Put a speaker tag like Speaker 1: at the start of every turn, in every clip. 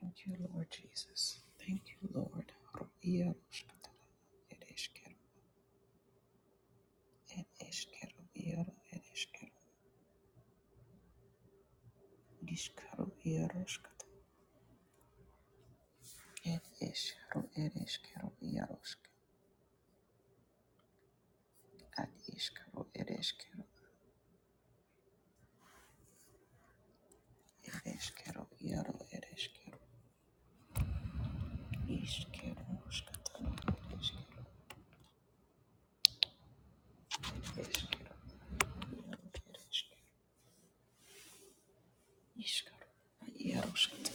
Speaker 1: Thank you, Lord Jesus. Thank you, Lord. Iaro shatara ed eskero ed iaro ed eskero diskaro iaro skat ed eskero ad eskero ed eskero iaro ed eskero iskero skatara ed iaro ed eskero iskaro iaro skat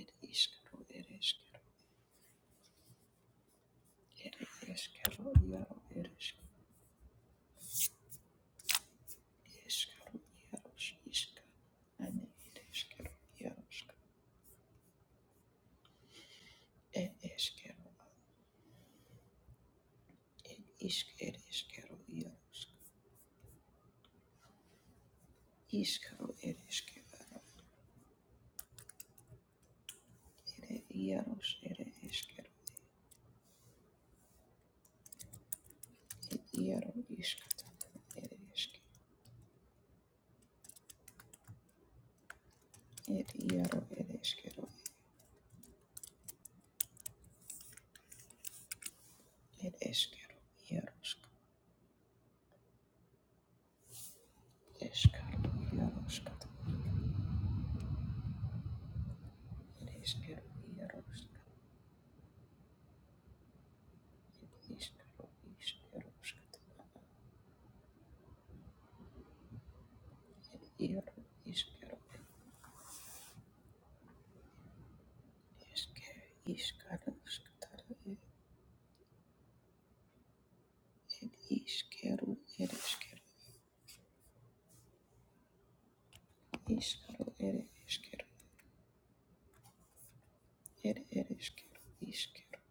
Speaker 1: ed iskaro iaro ed Eskero iaros iska ane ed eskero iarosk ed eskero ed isk ed eskero iarosk iskaro ed eskero ed iaros ed eskero ed iaro iskata ed esk ed iaro ed eskero ed eskero iarosk eskaro iaroskata ed eskero iarosk iskaro iskeroskata iaro iskero Eskero, iskaro, skataro, ere, iskero, ere, eskero, iskaro, ere, eskero, ere, ere, eskero, iskero,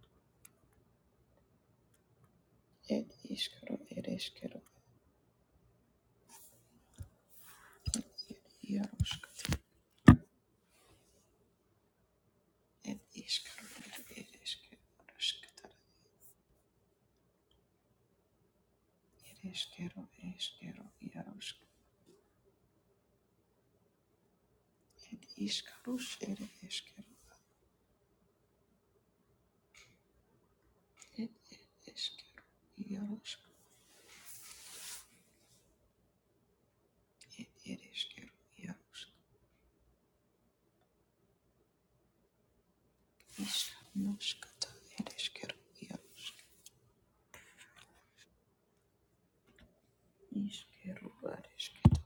Speaker 1: ere, iskaro, ere, eskero, ere, iaroska, ere, iskaro, ere, ere, eskero, skataro, ere, eskero, ere, eskero, iaroska, ere, iskaros, ere, eskero, ere, ere, eskero, iaroska, ere, ere, eskero, iaroska, iskanoskata, ere, eskero, Išskyrų ar išskyrų.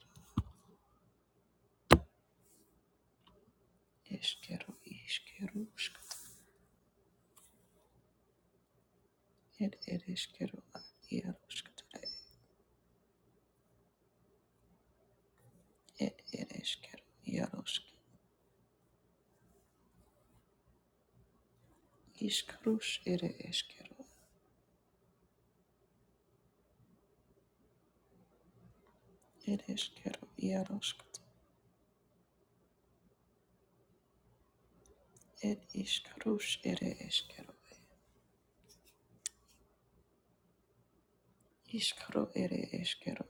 Speaker 1: Išskyrų, išskyrų, ir ir išskyrų ar jeruškitara. Ir ir išskyrų jerušk. Išskyrus ir išskyrų. Ir išskyrų jerušk. Ir išskyrus ir išskyrų. Išskyrų ir išskyrų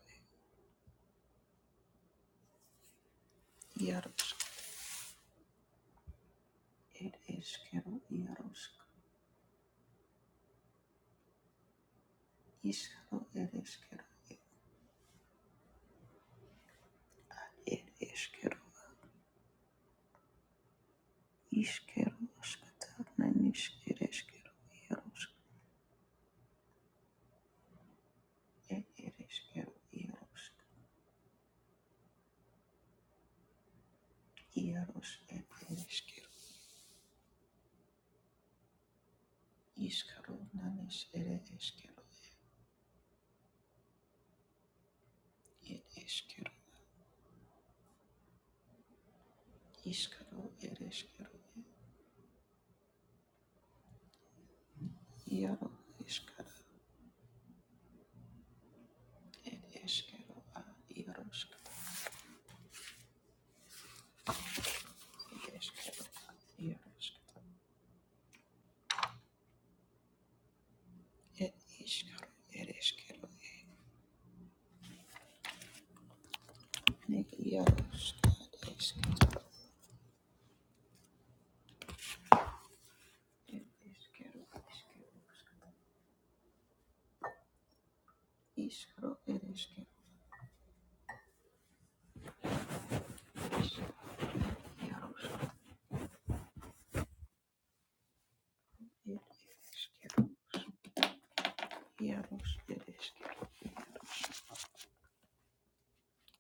Speaker 1: jerušk. Ir išskyrų jerušk. Išskyrų ir išskyrų. Ir išskyrų. Išskyrų škitara. Nenišk Ed ereskero iarosk iaros ed ereskero iskaro nanes ere eskero ed eskero iskaro ereskero iaro iskara ed eskero a iarosk ed eskero a iarosk ed iskaro ereskero ed iarosk ed eskero ed eskero eskero iskaro ereskero iarosk ed ereskero iaros ereskero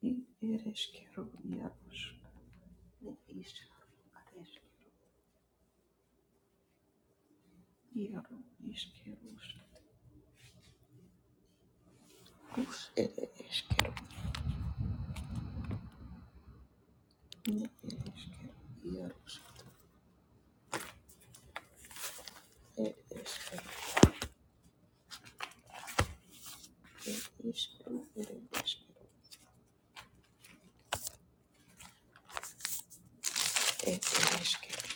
Speaker 1: ir ereshkigal iarosh neishar ereshkigal iaro ishkerosh rus ere eshkero ne ereshkigal iarosh er eshkero er ishkero ere eshkero er ereshkero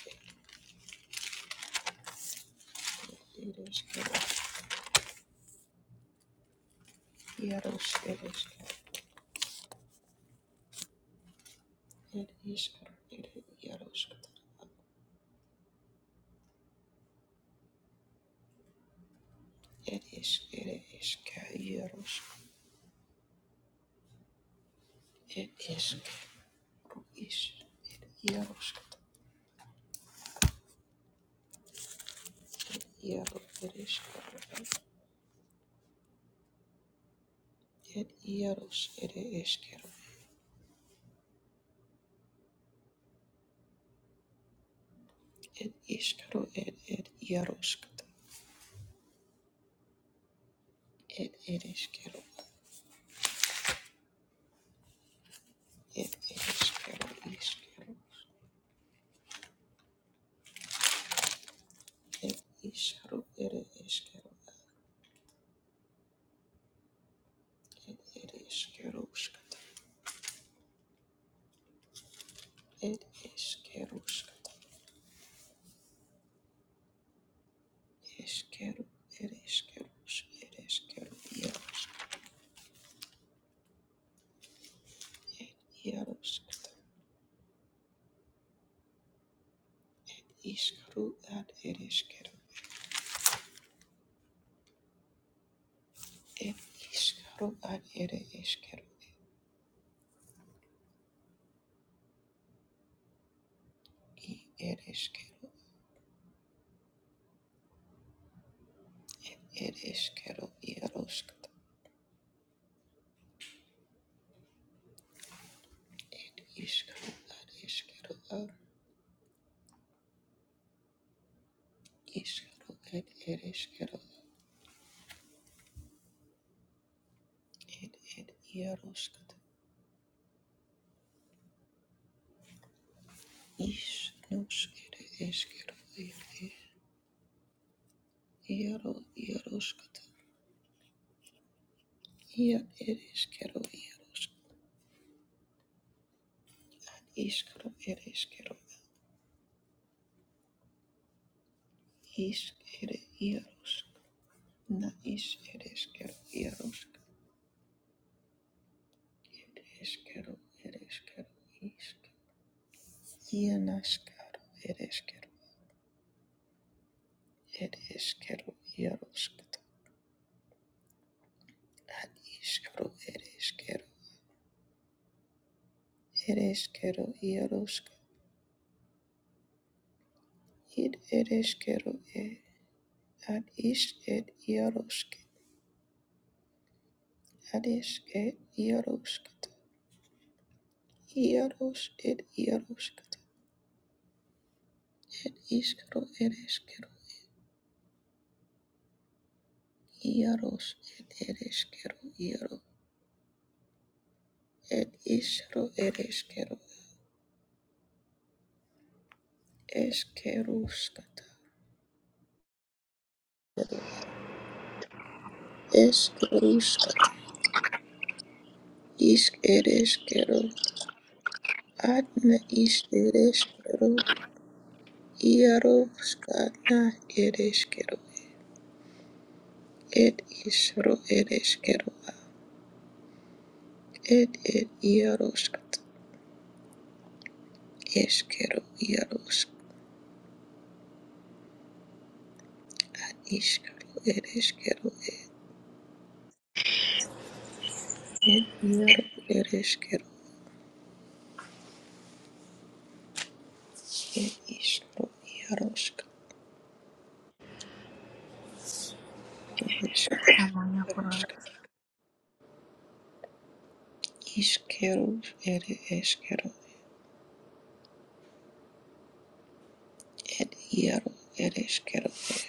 Speaker 1: er ereshkero iarosh ereshkero er ishkero ere iarosh er ish ere eshka iarosh er eshkero er Ed Yarosh Ed Eshkero Ed Ishkero Ed Ed Yaroshkata Ed Ed Eshkero Ed Ed Eshkero Ishkero Ed Isharo Ed Eshkero Ed Ed Eshkeroshkata Ed Eshkeroshkata Eshkero Ed Eshkerosh Ed Eshkero Yaroshkata Ishkaro Ad Ed Eshkero Ed Ishkaro Ad Ed Eshkero I Ed Eshkero Ed Eshkero Yaroshkata Ed iskero ad iskero ad iskero ed ed iskero ed ed iaroskata is nos ed iskero ed ed iaro iaroskata ia ed iskero iaroskata iskero ed iskero is ed iarosk na is ed iskero iarosk ed iskero ed iskero isk ia naskaro ed iskero ed iskero iarosk Ad iskero ereskero ereskero iarosk id ereskero e ad is ed iarosk ad is ed iarosk iaros ed iarosk Ad iskero ereskero iaros ed ereskero iaro ed iskero ereskero eskeruskata eskeruskata isk ereskero ad me is ereskero Iarovskana ereshkero, ed isro ereshkero, ed ed iarovskat, eshkero iarovsk, ishkaro ereshkero, ed ed iarov ereshkero, ed ishro iarovsk, ereshkerovsk, ishkero ereshkero, ed iarov ereshkero, ed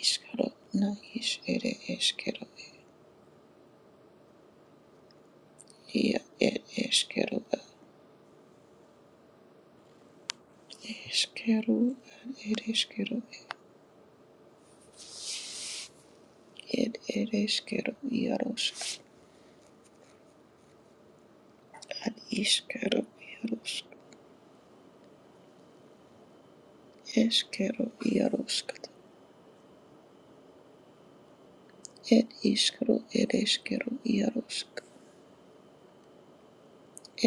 Speaker 1: ishkaro na is ereshkero, ia ed eshkero, Iskero, ad ed ishkeru ed ed iarosk ad iskero, iarosk ishkeru iarosk ed iskero, ed ishkeru iarosk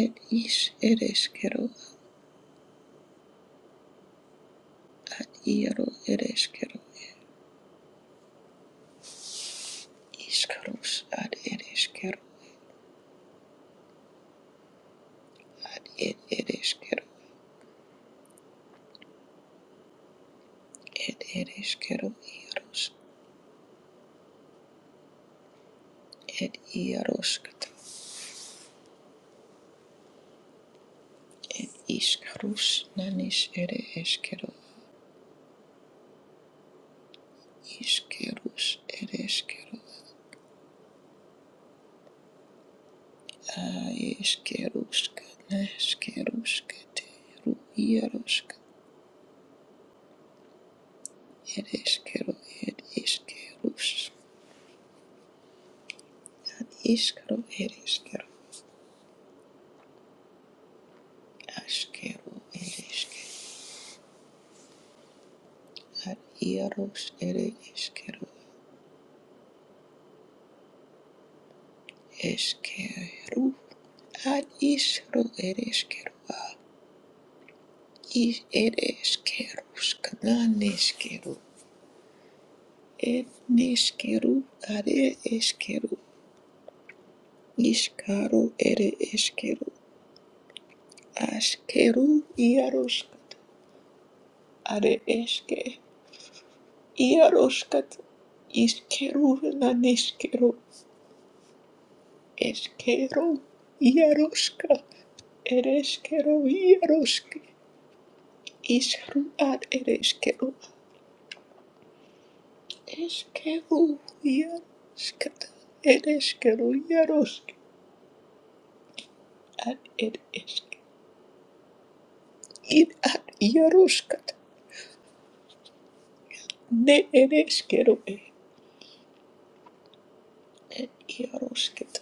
Speaker 1: ed ish ed ishkeru ad iaro ed ishkeru ishkerus ad ed ishkeru ed ed ishkeru ed ed iaros, iarosk ed iarosk ishkerus nanish ed ishkeru ishkerus ed ishkeru Aishkerushka, Nashkerushka, Teru, Yarushka, Ereshkeru, Ed Ishkerush, Ishkeru, Ereshkeru, Ashkeru, Ereshke, Ad Yarush, Ere Ishkeru, Eshkeru, Ad Ishru, Ereshkeru, Ad Ish, Ereshkerushka, Naneshkeru, Ed Nishkeru, Ad Ereshkeru, Ishkaru, Ere Ashkeru iaroshkat are eske iaroshkat iskeru nanishkeru eskeru iaroshka ereskeru iaroshke isru ar ereskeru eskeru iaroshkat ereskeru iaroshke ad ed eske id ad iaroshkat ne ereskeru e ed iaroshket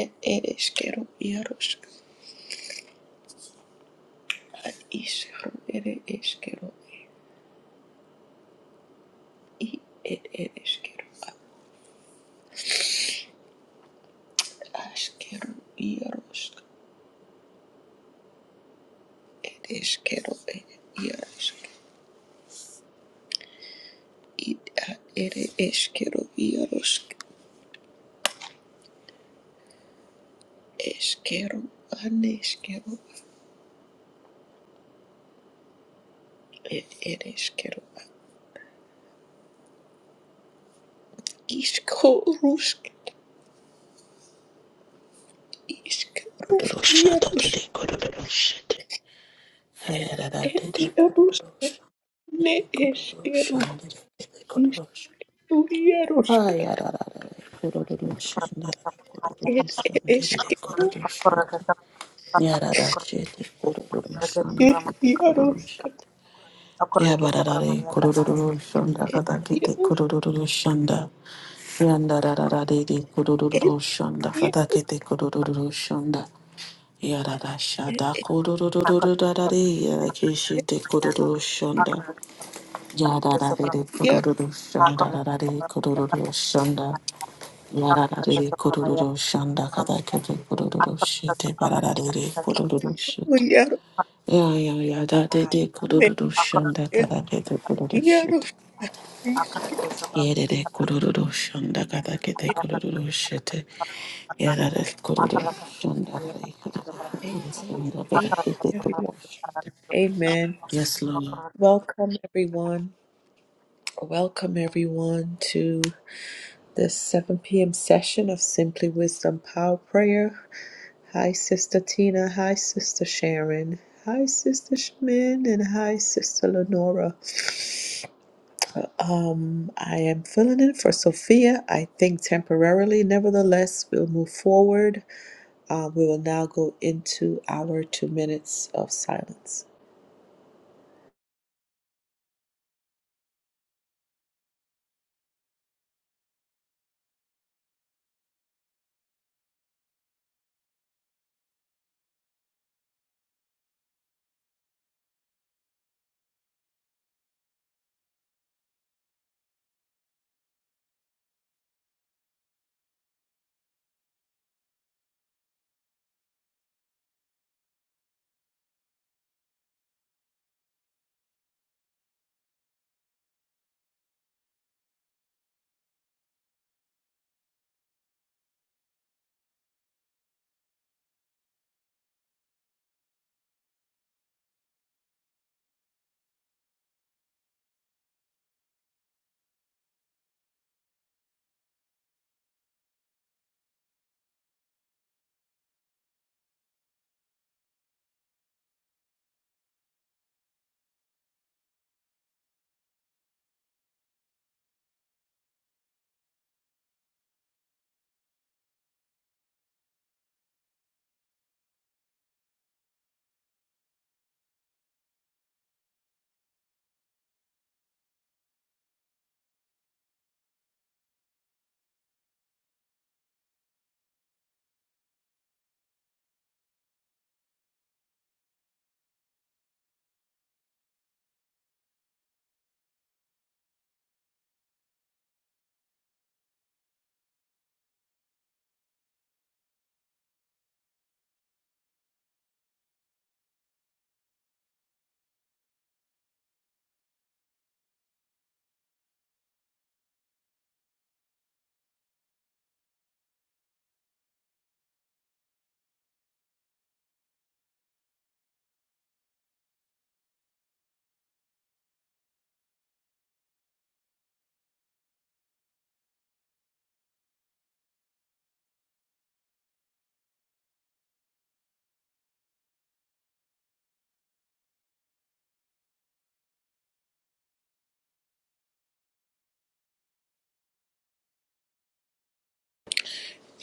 Speaker 1: ed ereskeru iaroshka Ad ishkaru ere ishkaru i ed ed ishkaru ad ashkaru iaroshk ed ishkaru ed iaroshk id ad ere ishkaru iaroshk ishkaru an ishkaru ed ed ishkaru ad ishkarushk ishkaru
Speaker 2: Shanda
Speaker 1: iaroshk ed iaroshk ne ishkaru ishkaru iaroshk ed ed ishkaru ed iaroshk ed iaroshk
Speaker 2: Yanda da da da de de kudududu shanda.
Speaker 1: Amen.
Speaker 2: Fada kete kudududu shanda. Yadadashada kururururururarari, yarakishite kurururushanda. Yadarariri kurururushanda, rarari kurururushanda. Yararariri kurururushanda, kadakete kurururushite, bararariri kurururushite. Ya- ya- yadadidi kurururushanda, kadakete kurururushite. Yerere kururu şunda kada kete kururu şete. Yerere kururu şunda
Speaker 3: Akar
Speaker 2: kada kete kururu
Speaker 1: Everyone.
Speaker 2: şete.
Speaker 1: Amen.
Speaker 2: Yes, Lola.
Speaker 1: Welcome, everyone. Welcome, everyone, to the 7 p.m. session of Simply Wisdom Power Prayer. Hi, Sister Tina. Hi, Sister Sharon. Hi, Sister Shamin, and hi, Sister Lenora. Um, I am filling in for Sophia, I think temporarily. Nevertheless, we'll move forward Uh, we will now go into our two minutes of silence.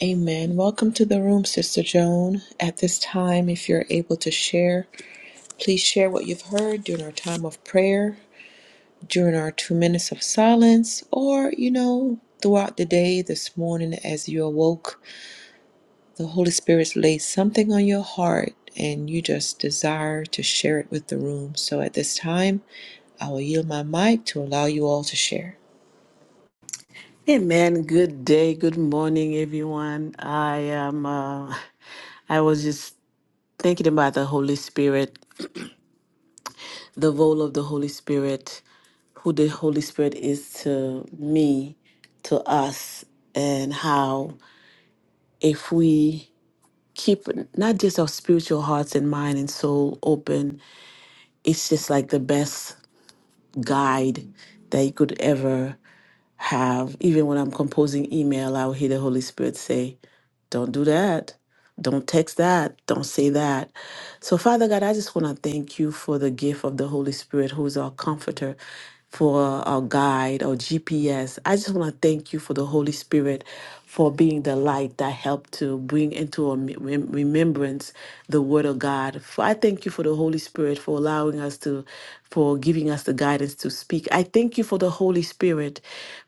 Speaker 1: Amen. Welcome to the room, Sister Joan. At this time, if you're able to share, please share what you've heard during our time of prayer, during our two minutes of silence, or, you know, throughout the day, this morning, as you awoke, the Holy Spirit's laid something on your heart and you just desire to share it with the room. So at this time, I will yield my mic to allow you all to share.
Speaker 2: Amen. Good day. Good morning, everyone. I am. Uh, I was just thinking about the Holy Spirit, the role of the Holy Spirit, who the Holy Spirit is to me, to us, and how if we keep not just our spiritual hearts and mind and soul open. It's just like the best guide that you could ever have. Even when I'm composing email, I'll hear the Holy Spirit say, Don't do that. Don't text that. Don't say that. So, Father God, I just want to thank you for the gift of the Holy Spirit, who is our comforter for our guide, our GPS. I just want to thank you for the Holy Spirit for being the light that helped to bring into our mem- rem- remembrance the Word of God. For I thank you for the Holy Spirit for allowing us to, for giving us the guidance to speak. I thank you for the Holy Spirit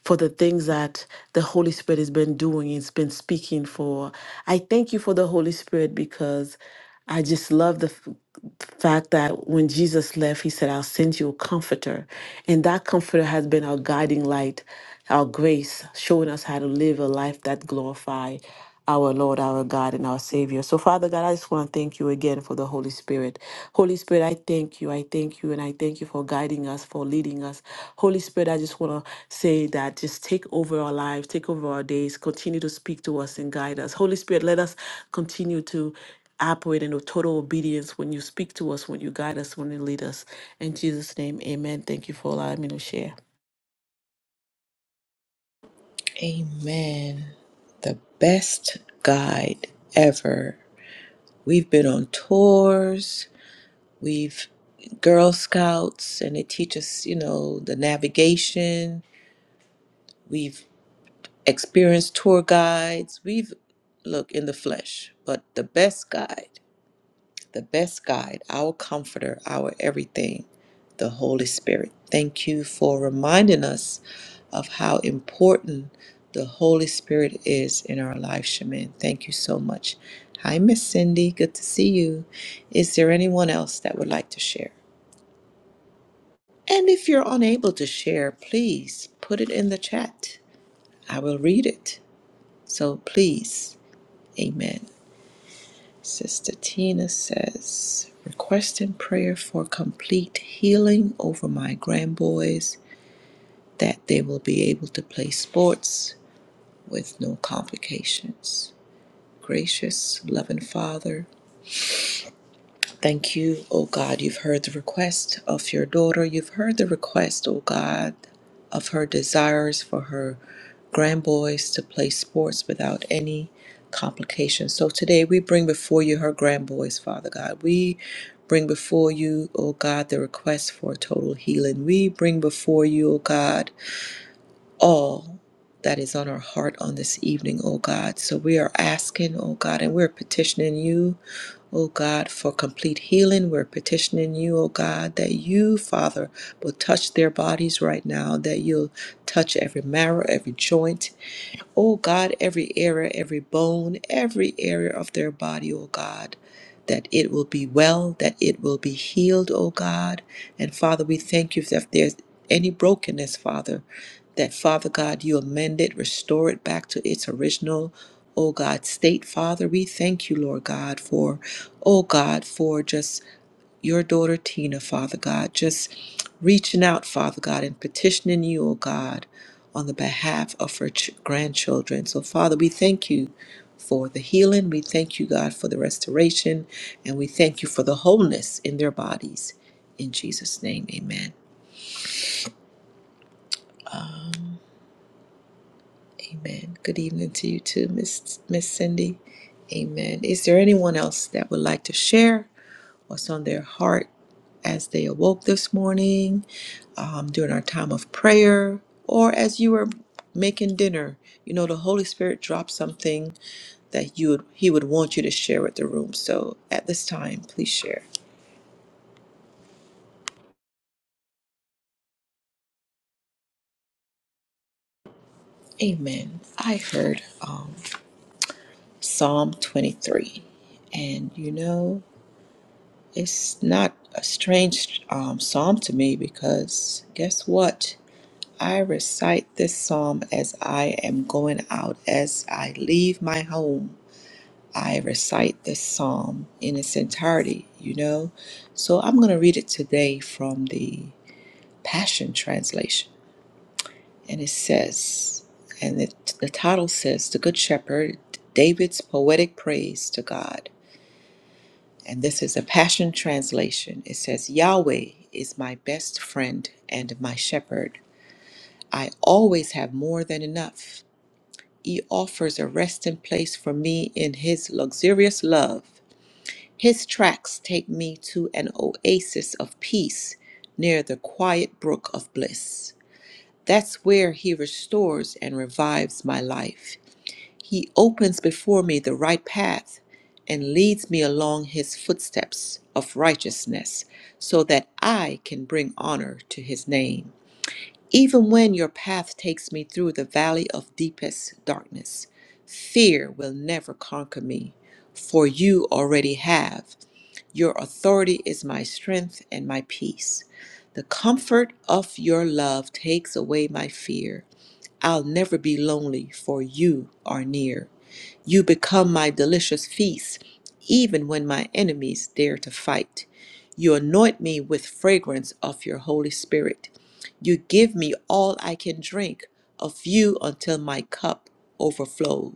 Speaker 2: for the things that the Holy Spirit has been doing, it's been speaking for. I thank you for the Holy Spirit because. I just love the f- fact that when Jesus left, he said, I'll send you a comforter. And that comforter has been our guiding light, our grace, showing us how to live a life that glorify our Lord, our God, and our Savior. So, Father God, I just want to thank you again for the Holy Spirit. Holy Spirit, I thank you. I thank you. And I thank you for guiding us, for leading us. Holy Spirit, I just want to say that just take over our lives, take over our days, continue to speak to us and guide us. Holy Spirit, let us continue to operate in total obedience when you speak to us, when you guide us, when you lead us. In Jesus' name, amen. Thank you for allowing me to share.
Speaker 1: Amen. The best guide ever. We've been on tours, we've Girl Scouts, and they teach us, you know, the navigation. We've experienced tour guides. We've look in the flesh, but the best guide. the best guide, our comforter, our everything, the Holy Spirit. Thank you for reminding us of how important the Holy Spirit is in our life, Shaman. Thank you so much. Hi, Miss Cindy. Good to see you. Is there anyone else that would like to share? And if you're unable to share, please put it in the chat. I will read it. So please, amen. Sister Tina says, requesting prayer for complete healing over my grandboys, that they will be able to play sports with no complications. Gracious, loving Father, Thank you, O God. You've heard the request of your daughter. You've heard the request, O God, of her desires for her grandboys to play sports without any complications. So today we bring before you her grandboys, Father God. We bring before you, O God, the request for total healing. We bring before you, O God, all that is on our heart on this evening, O God. So we are asking, O God, and we're petitioning you, O God, for complete healing. We're petitioning you, O God, that you, Father, will touch their bodies right now, that you'll touch every marrow, every joint. Oh God, every area, every bone, every area of their body, oh God, that it will be well, that it will be healed, oh God. And Father, we thank you if there's any brokenness, Father, that Father God, you amend it, restore it back to its original, oh God, state. Father, we thank you, Lord God, for, oh God, for just your daughter Tina, Father God, just reaching out, Father God, and petitioning you, oh God, on the behalf of her ch- grandchildren. So, Father, we thank you for the healing. We thank you, God, for the restoration. And we thank you for the wholeness in their bodies. In Jesus' name, amen. Amen. Good evening to you too, Miss Miss Cindy. Amen. Is there anyone else that would like to share? what's on their heart as they awoke this morning, um, during our time of prayer, or as you were making dinner. You know, the Holy Spirit dropped something that you would, He would want you to share with the room. So at this time, please share. Amen. I heard um, Psalm 23, and you know, it's not a strange um, psalm to me because guess what? I recite this psalm as I am going out, as I leave my home. I recite this psalm in its entirety, you know. So I'm going to read it today from the Passion Translation. And it says, and it, the title says, The Good Shepherd, David's Poetic Praise to God. And this is a Passion Translation. It says, Yahweh is my best friend and my shepherd. I always have more than enough. He offers a resting place for me in His luxurious love. His tracks take me to an oasis of peace near the quiet brook of bliss. That's where He restores and revives my life. He opens before me the right path and leads me along His footsteps of righteousness so that I can bring honor to His name. Even when your path takes me through the valley of deepest darkness, fear will never conquer me, for you already have. Your authority is my strength and my peace. The comfort of your love takes away my fear. I'll never be lonely, for you are near. You become my delicious feast, even when my enemies dare to fight. You anoint me with fragrance of your Holy Spirit. You give me all I can drink of you until my cup overflows.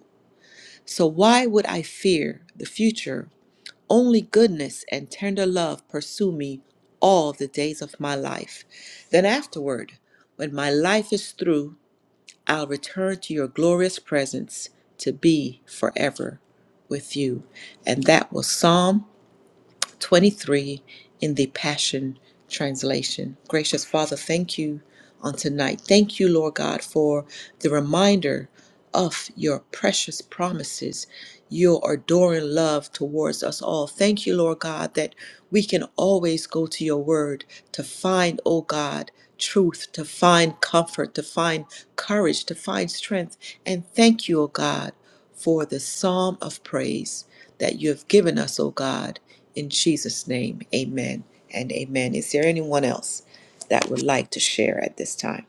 Speaker 1: So why would I fear the future? Only goodness and tender love pursue me all the days of my life. Then afterward, when my life is through, I'll return to your glorious presence to be forever with you. And that was Psalm 23 in the Passion Translation. Gracious Father, thank you on tonight. Thank you, Lord God, for the reminder of your precious promises, your adoring love towards us all. Thank you, Lord God, that we can always go to your word to find, oh God, truth, to find comfort, to find courage, to find strength. And thank you, oh God for the psalm of praise that you have given us, O God. In Jesus' name, amen and amen. Is there anyone else that would like to share at this time?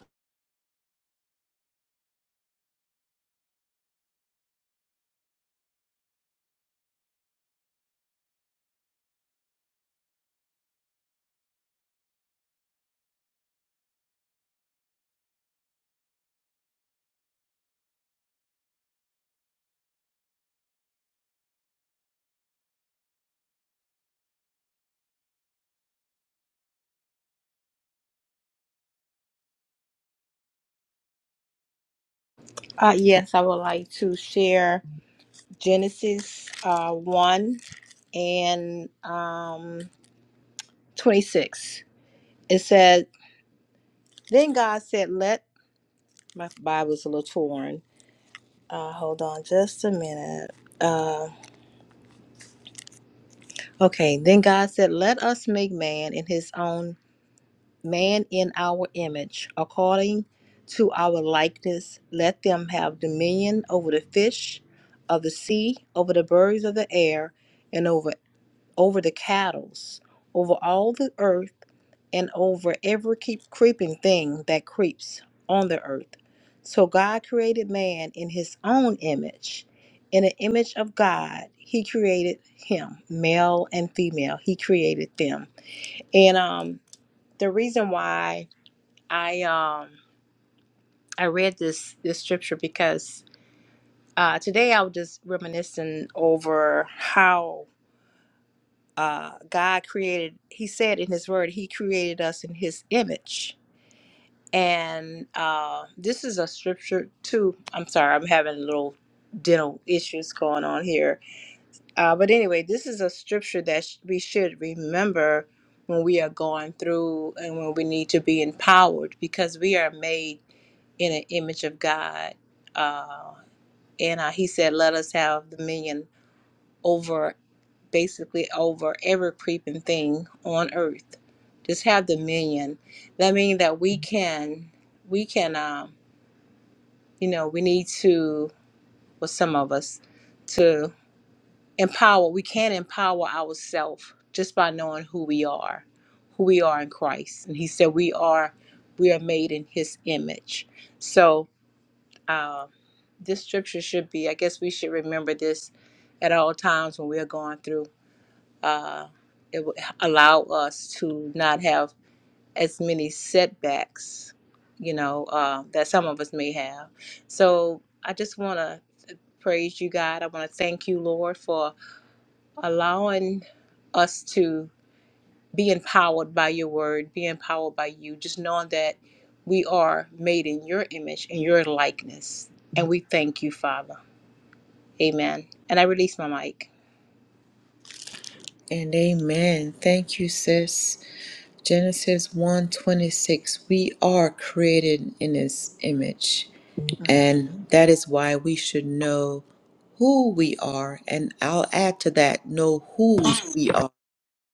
Speaker 3: Uh, yes, I would like to share Genesis uh, 1 and um, 26. It said, Then God said, Let my Bible's a little torn. Uh, hold on just a minute. Uh, okay, then God said, Let us make man in his own man in our image, according to our likeness. Let them have dominion over the fish of the sea, over the birds of the air, and over over the cattle, over all the earth, and over every keep creeping thing that creeps on the earth. So God created man in his own image. In the image of God, he created him, male and female. He created them. And um the reason why I um I read this this scripture because uh, today I was just reminiscing over how uh, God created. He said in His Word, He created us in His image, and uh, this is a scripture too. I'm sorry, I'm having little dental issues going on here Uh, but anyway, this is a scripture that sh- we should remember when we are going through and when we need to be empowered because we are made in an image of God. Uh, and uh, he said, Let us have dominion over basically over every creeping thing on earth. Just have dominion. That means that we can, we can, um, you know, we need to, well, some of us, empower we can empower ourselves just by knowing who we are who we are in christ and he said we are we are made in his image so uh, this scripture should be i guess we should remember this at all times when we're going through uh, it will allow us to not have as many setbacks you know uh, that some of us may have so i just want to praise you god i want to thank you lord for allowing us to be empowered by your word, be empowered by you, just knowing that we are made in your image and your likeness. And we thank you, Father. Amen. And I release my mic.
Speaker 1: And amen. Thank you, sis. Genesis 1:26. We are created in his image. And that is why we should know who we are. And I'll add to that, know whose we are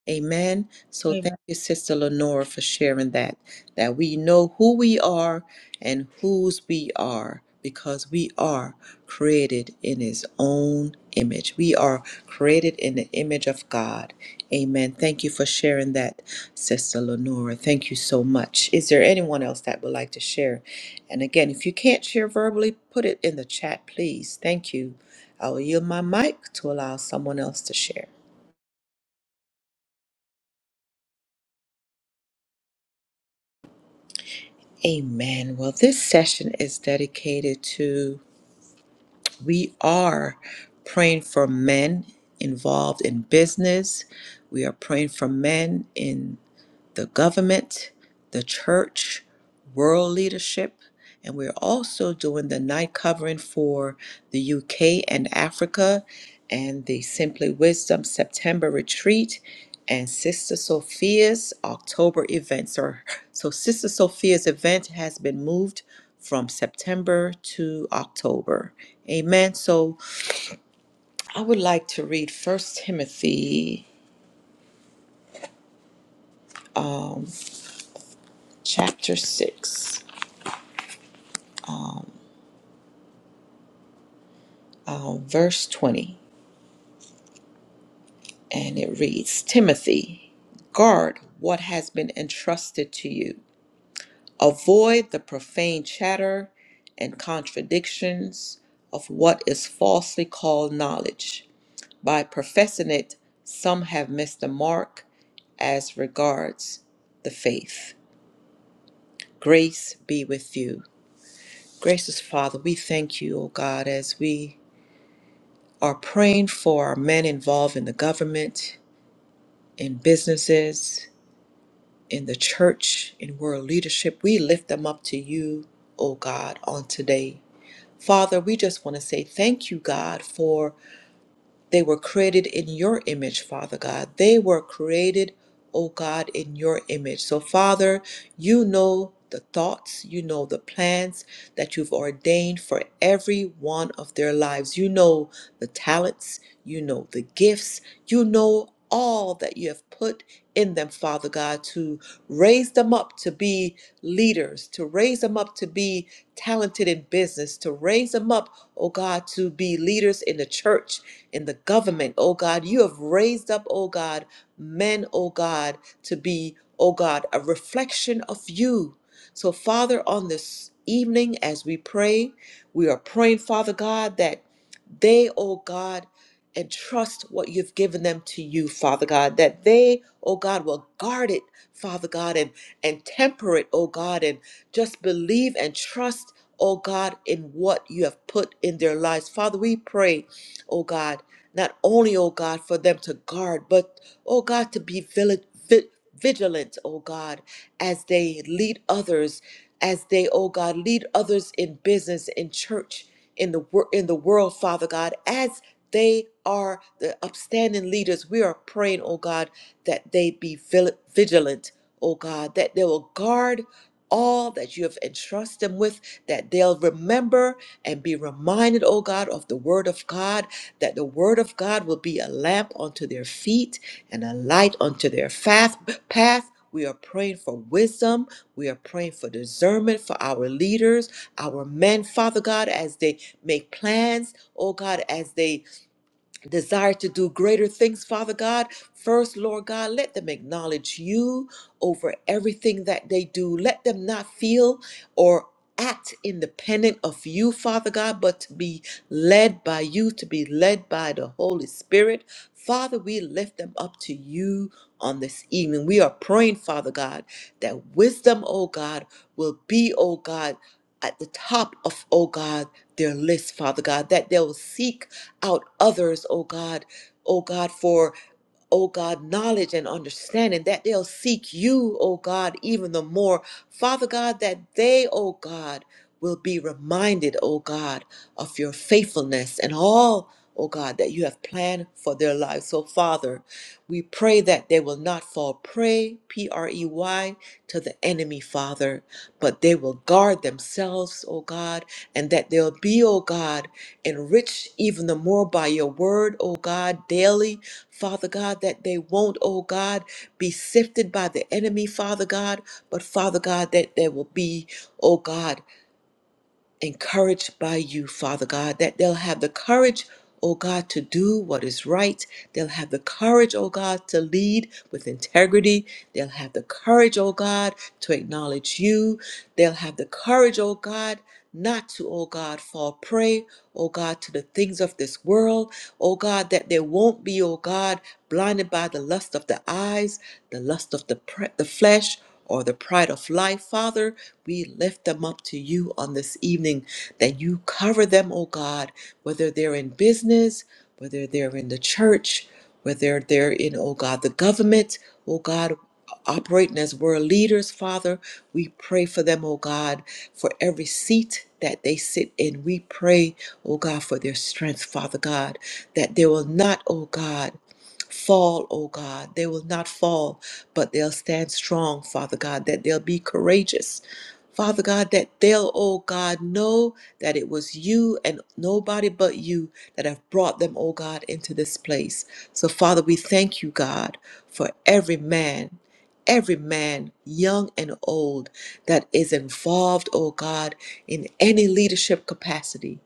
Speaker 1: Amen. So
Speaker 3: Amen.
Speaker 1: thank you, Sister Lenora, for sharing that, that we know who we are and whose we are because we are created in His own image. We are created in the image of God. Amen. Thank you for sharing that, Sister Lenora. Thank you so much. Is there anyone else that would like to share? And again, if you can't share verbally, put it in the chat, please. Thank you. I will yield my mic to allow someone else to share. Amen. Well, this session is dedicated to we are praying for men involved in business. We are praying for men in the government, the church, world leadership, and we're also doing the night covering for the UK and Africa and the Simply Wisdom September retreat and Sister Sophia's October events. Or so Sister Sophia's event has been moved from September to October. Amen. So I would like to read First Timothy um, chapter 6. uh, verse 20, and it reads Timothy, guard what has been entrusted to you. Avoid the profane chatter and contradictions of what is falsely called knowledge. By professing it, some have missed the mark as regards the faith. Grace be with you. Gracious Father, we thank you, O God, as we are praying for our men involved in the government in businesses, in the church, in world leadership. We lift them up to you, O God, on today. Father, we just want to say thank you, God, for. They were created in your image, Father God. They were created, oh God, in your image. So, Father, you know the thoughts, you know the plans that you've ordained for every one of their lives. You know the talents, you know the gifts, you know all that you have put in them, Father God, to raise them up to be leaders, to raise them up to be talented in business, to raise them up, oh God, to be leaders in the church in the government, oh God. You have raised up, oh God, men, oh God, to be, oh God, a reflection of you. So, Father, on this evening as we pray, we are praying, Father God, that they, oh God, entrust what you've given them to you, Father God, that they, oh God, will guard it, Father God, and, and temper it, oh God, and just believe and trust, oh God, in what you have put in their lives. Father, we pray oh God, not only, oh God, for them to guard, but, oh God, to be vili- vi- vigilant, oh God, as they lead others, as they, oh God, lead others in business, in church, in the wor- in the world, Father God, as they are the upstanding leaders. We are praying, oh God, that they be vil- vigilant, oh God, that they will guard all that you have entrusted them with, that they'll remember and be reminded, oh God, of the word of God that the word of God will be a lamp unto their feet and a light unto their faf- path. We are praying for wisdom. We are praying for discernment for our leaders, our men, Father God, as they make plans, oh God, as they desire to do greater things, Father God. First, Lord God, let them acknowledge you over everything that they do. Let them not feel or act independent of you, Father God, but to be led by you, to be led by the Holy Spirit. Father, we lift them up to you on this evening. We are praying, Father God, that wisdom, oh God, will be, oh God, at the top of, oh God, their list, Father God, that they will seek out others, oh God, oh God, for oh God, knowledge and understanding, that they'll seek you, oh God, even the more. Father God, that they, oh God, will be reminded, oh God, of your faithfulness and all, oh God, that you have planned for their lives. So, Father, we pray that they will not fall prey, P R E Y, to the enemy, Father, but they will guard themselves, oh God, and that they'll be, oh God, Enrich even the more by your word, O God, daily, Father God, that they won't, O God, be sifted by the enemy, Father God, but Father God, that there will be, O God, encouraged by you, Father God, that they'll have the courage, oh God, to do what is right. They'll have the courage, oh God, to lead with integrity. They'll have the courage, oh God, to acknowledge you. They'll have the courage, oh God, not to, oh God, fall prey, oh God, to the things of this world, oh God, that they won't be, oh God, blinded by the lust of the eyes, the lust of the, pre- the flesh, or the pride of life, Father. We lift them up to you on this evening that you cover them, oh God, whether they're in business, whether they're in the church, whether they're in, oh God, the government, oh God, operating as world leaders, Father. We pray for them, oh God, for every seat that they sit in. We pray, oh God, for their strength, Father God, that they will not, oh God, fall, O God. They will not fall, but they'll stand strong, Father God, that they'll be courageous. Father God, that they'll, oh God, know that it was you and nobody but you that have brought them, oh God, into this place. So, Father, we thank you, God, for every man, every man, young and old, that is involved, oh God, in any leadership capacity.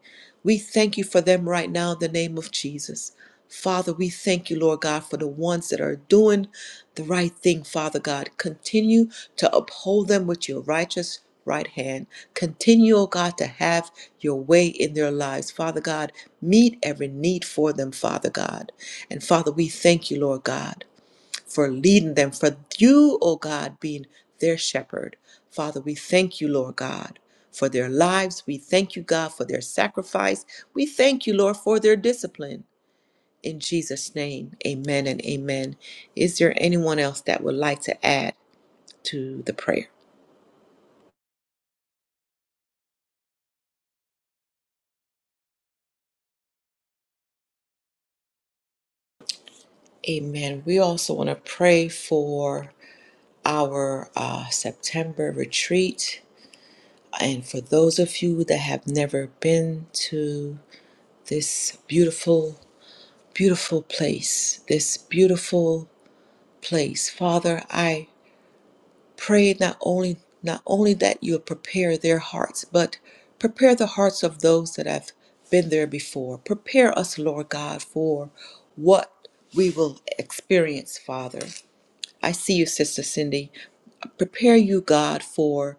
Speaker 1: We thank you for them right now in the name of Jesus. Father, we thank you, Lord God, for the ones that are doing the right thing, Father God. Continue to uphold them with your righteous right hand. Continue, oh God, to have your way in their lives. Father God, meet every need for them, Father God. And Father, we thank you, Lord God for leading them, for you, O God, being their shepherd. Father, we thank you, Lord God, for their lives. We thank you, God, for their sacrifice. We thank you, Lord, for their discipline. In Jesus' name, amen and amen. Is there anyone else that would like to add to the prayer? Amen. We also want to pray for our uh, September retreat. And for those of you that have never been to this beautiful beautiful place, this beautiful place. Father, I pray not only not only that you prepare their hearts, but prepare the hearts of those that have been there before. Prepare us, Lord God, for what we will experience, Father. I see you, Sister Cindy. Prepare you, God, for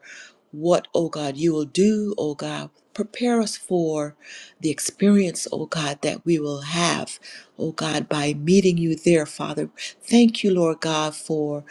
Speaker 1: what, oh God, you will do, oh God. Prepare us for the experience, oh God, that we will have, oh God, by meeting you there, Father. Thank you, Lord God, for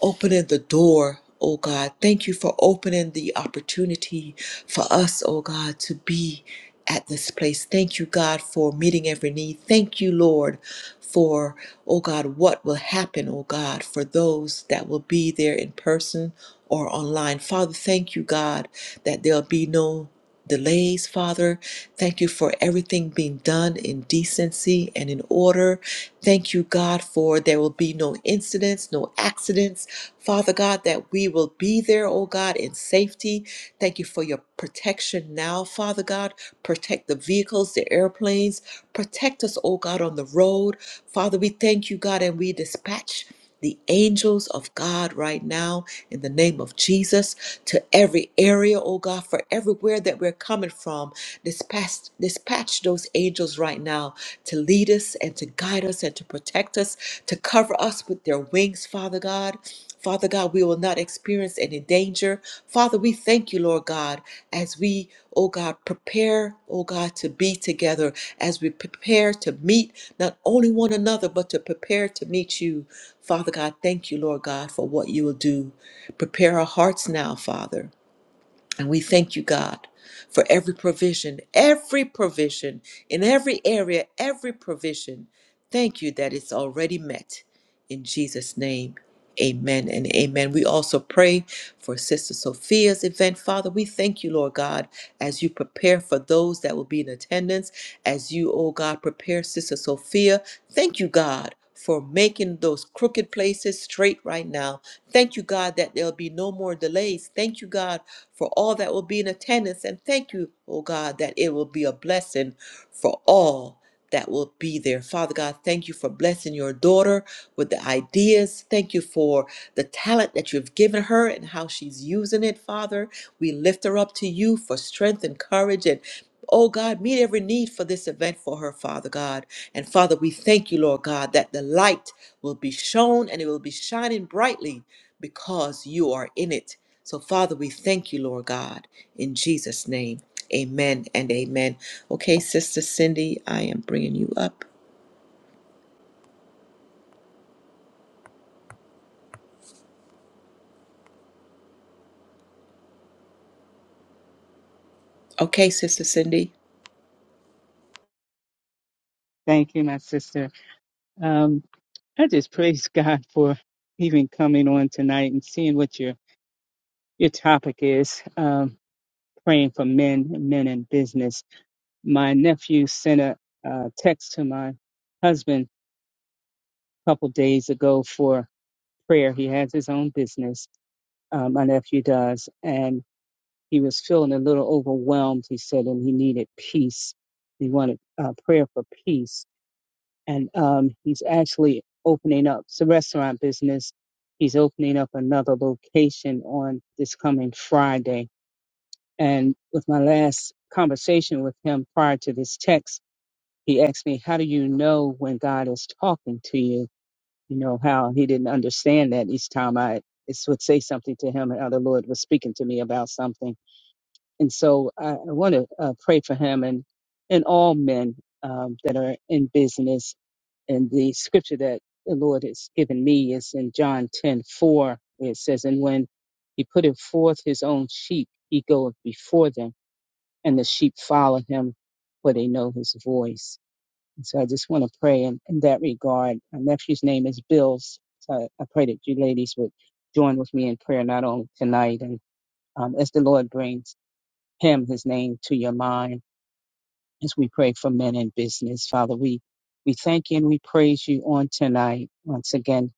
Speaker 1: opening the door. Oh God, thank you for opening the opportunity for us, oh God, to be at this place. Thank you, God, for meeting every need. Thank you, Lord, for, oh God, what will happen, oh God, for those that will be there in person or online. Father, thank you, God, that there'll be no delays, Father. Thank you for everything being done in decency and in order. Thank you, God, for there will be no incidents, no accidents. Father God, that we will be there, oh God, in safety. Thank you for your protection now, Father God. Protect the vehicles, the airplanes. Protect us, oh God, on the road. Father, we thank you, God, and we dispatch the angels of God right now in the name of Jesus to every area, oh God, for everywhere that we're coming from. Dispatch, dispatch those angels right now to lead us and to guide us and to protect us, to cover us with their wings, Father God. Father God, we will not experience any danger. Father, we thank you, Lord God, as we, oh God, prepare, oh God, to be together, as we prepare to meet not only one another, but to prepare to meet you. Father God, thank you, Lord God, for what you will do. Prepare our hearts now, Father. And we thank you, God, for every provision, every provision in every area, every provision. Thank you that it's already met. In Jesus' name, amen and amen. We also pray for Sister Sophia's event. Father, we thank you, Lord God, as you prepare for those that will be in attendance, as you, oh God, prepare Sister Sophia. Thank you, God. For making those crooked places straight right now. Thank you, God, that there'll be no more delays. Thank you, God, for all that will be in attendance. And thank you, oh God, that it will be a blessing for all that will be there. Father God, thank you for blessing your daughter with the ideas. Thank you for the talent that you've given her and how she's using it, Father. We lift her up to you for strength and courage and Oh God, meet every need for this event for her, Father God. And Father, we thank you, Lord God, that the light will be shown and it will be shining brightly because you are in it. So, Father, we thank you, Lord God, in Jesus' name. Amen and amen. Okay, Sister Cindy, I am bringing you up. Okay, Sister Cindy.
Speaker 4: Thank you, my sister. Um, I just praise God for even coming on tonight and seeing what your your topic is. Um, praying for men, men in business. My nephew sent a uh, text to my husband a couple days ago for prayer. He has his own business. Um, my nephew does, and he was feeling a little overwhelmed. He said, and he needed peace. He wanted uh, prayer for peace and um, he's actually opening up it's a restaurant business. He's opening up another location on this coming Friday. And with my last conversation with him prior to this text, he asked me, "How do you know when God is talking to you?" You know how he didn't understand that each time I it's would say something to him, and how the Lord was speaking to me about something. And so I, I want to uh, pray for him and and all men um, that are in business and the scripture that the Lord has given me is in John ten four. it says, And when he putteth forth his own sheep, he goeth before them, and the sheep follow him, for they know his voice. And so I just want to pray in, in that regard. My nephew's name is Bills. So I, I pray that you ladies would join with me in prayer, not only tonight, and um, as the Lord brings him, his name, to your mind as we pray for men in business, Father, we, we thank you and we praise you on tonight. Once again,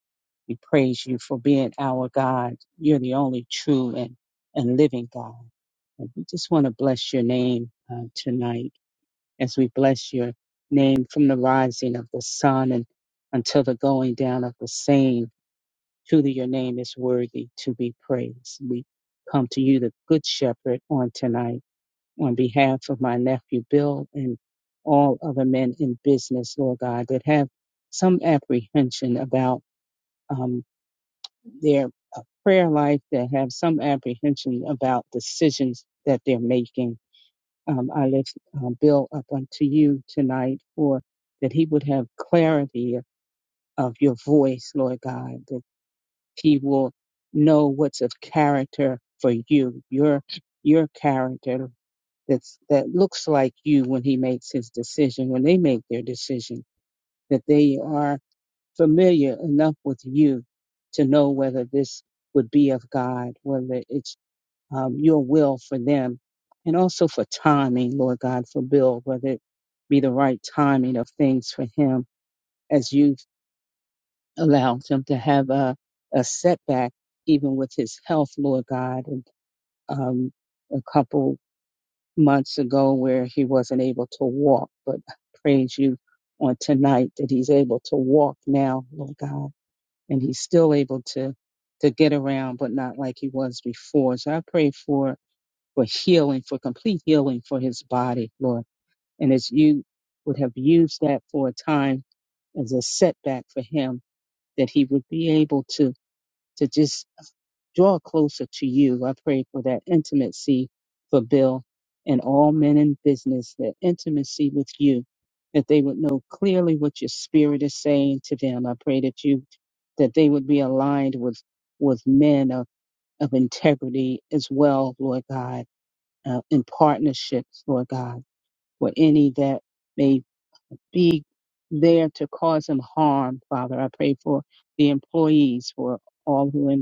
Speaker 4: we praise you for being our God. You're the only true and, and living God. And we just want to bless your name uh, tonight as we bless your name from the rising of the sun and until the going down of the same. Truly, your name is worthy to be praised. We come to you, the Good Shepherd, on tonight on behalf of my nephew Bill and all other men in business, Lord God, that have some apprehension about um, their uh, prayer life, that have some apprehension about decisions that they're making. Um, I lift um, Bill up unto you tonight for that he would have clarity of your voice, Lord God, that he will know what's of character for you, your your character, that's that looks like you when he makes his decision, when they make their decision, that they are familiar enough with you to know whether this would be of God, whether it's um, your will for them, and also for timing, Lord God, for Bill, whether it be the right timing of things for him as you've allowed him to have a, a setback, even with his health, Lord God, and um, a couple months ago where he wasn't able to walk, but praise you on tonight that he's able to walk now, Lord God, and he's still able to to get around, but not like he was before. So I pray for for healing, for complete healing for his body, Lord, and as you would have used that for a time as a setback for him, that he would be able to to just draw closer to you. I pray for that intimacy for Bill and all men in business, that intimacy with you, that they would know clearly what your spirit is saying to them. I pray that you, that they would be aligned with, with men of, of integrity as well, Lord God, uh, in partnerships, Lord God, for any that may be there to cause him harm, Father. I pray for the employees, for all who are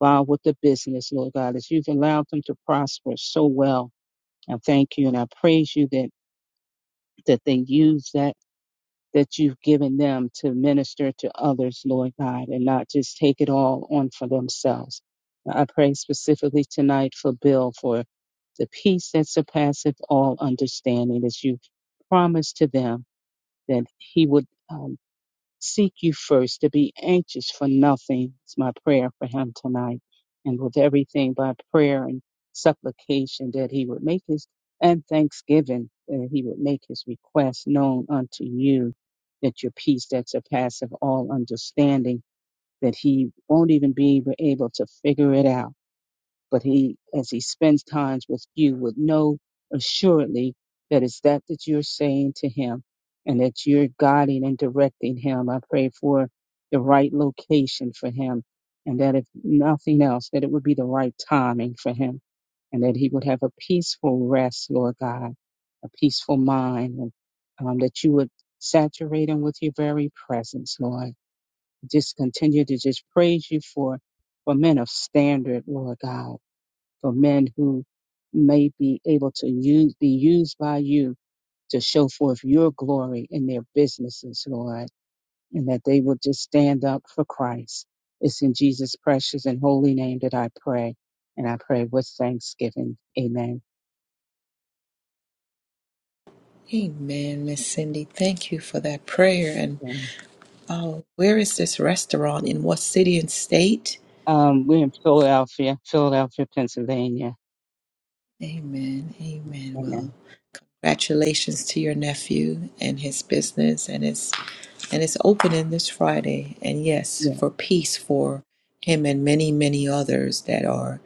Speaker 4: involved with the business, Lord God, as you've allowed them to prosper so well. I thank you and I praise you that, that they use that that you've given them to minister to others, Lord God, and not just take it all on for themselves. I pray specifically tonight for Bill for the peace that surpasseth all understanding as you promised to them that he would um, Seek you first to be anxious for nothing. It's my prayer for him tonight. And with everything by prayer and supplication that he would make his and thanksgiving that he would make his request known unto you that your peace that surpasses all understanding that he won't even be able to figure it out but he, as he spends times with you, would know assuredly that it's that that you're saying to him and that you're guiding and directing him. I pray for the right location for him and that if nothing else, that it would be the right timing for him and that he would have a peaceful rest, Lord God, a peaceful mind, and um, that you would saturate him with your very presence, Lord. Just continue to just praise you for, for men of standard, Lord God for men who may be able to use, be used by you to show forth your glory in their businesses, Lord, and that they will just stand up for Christ. It's in Jesus' precious and holy name that I pray, and I pray with thanksgiving. Amen.
Speaker 1: Amen, Miss Cindy. Thank you for that prayer. And
Speaker 4: Yeah.
Speaker 1: oh, where is this restaurant? In what city and state?
Speaker 4: Um, we're in Philadelphia, Philadelphia, Pennsylvania.
Speaker 1: Amen. Amen. Well,
Speaker 4: Amen.
Speaker 1: congratulations to your nephew and his business and it's and it's opening this Friday. And yes,
Speaker 4: Yeah,
Speaker 1: for peace for him and many, many others that are,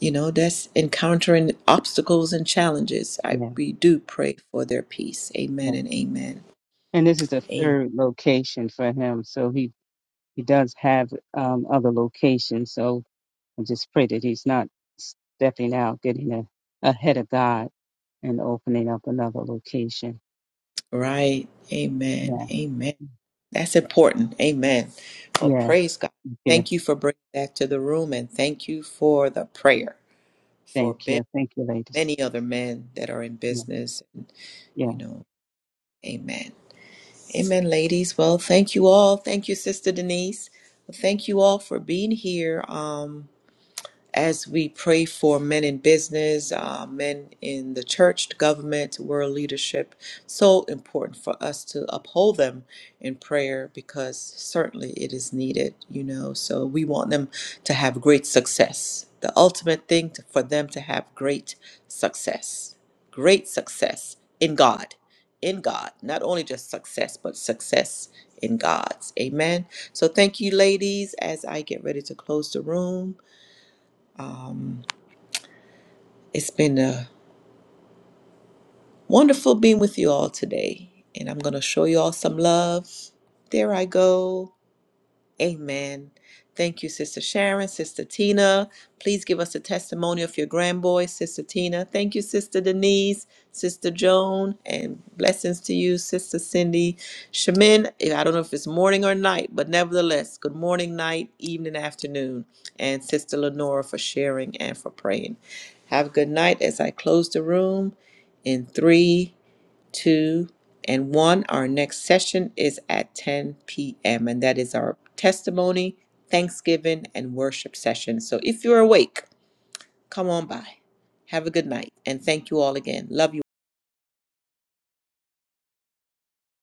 Speaker 1: you know, that's encountering obstacles and challenges. I
Speaker 4: yeah,
Speaker 1: we do pray for their peace.
Speaker 4: yeah.
Speaker 1: Amen and amen.
Speaker 4: And this is the
Speaker 1: Amen.
Speaker 4: third location for him, so he he does have um, other locations. So I just pray that he's not stepping out, getting a, ahead of God and opening up another location.
Speaker 1: Right. Amen.
Speaker 4: Yeah,
Speaker 1: Amen. That's important. Amen. Well,
Speaker 4: yeah,
Speaker 1: praise God.
Speaker 4: yeah.
Speaker 1: Thank you for bringing that to the room and thank you for the prayer for
Speaker 4: Thank
Speaker 1: Ben,
Speaker 4: you. Thank you, ladies.
Speaker 1: many other men that are in
Speaker 4: Yeah,
Speaker 1: business. And,
Speaker 4: yeah.
Speaker 1: you know, amen. Amen, ladies. Well, thank you all. Thank you, Sister Denise. Well, Thank you all for being here. Um, as we pray for men in business, uh, men in the church, the government, world leadership, so important for us to uphold them in prayer because certainly it is needed, you know. So we want them to have great success. The ultimate thing to, for them to have great success, great success in God, in God, not only just success, but success in God's. Amen. So thank you, ladies, as I get ready to close the room. Um, it's been uh, wonderful being with you all today, and I'm going to show you all some love. There I go. Amen. Thank you, Sister Sharon, Sister Tina. Please give us a testimony of your grandboy, Sister Tina. Thank you, Sister Denise, Sister Joan, and blessings to you, Sister Cindy. Shamin, I don't know if it's morning or night, but nevertheless, good morning, night, evening, afternoon. And Sister Lenora for sharing and for praying. Have a good night as I close the room in three, two, and one. Our next session is at 10 p.m., and that is our testimony, Thanksgiving, and worship session. So if you're awake, come on by. Have a good night, and thank you all again. Love you.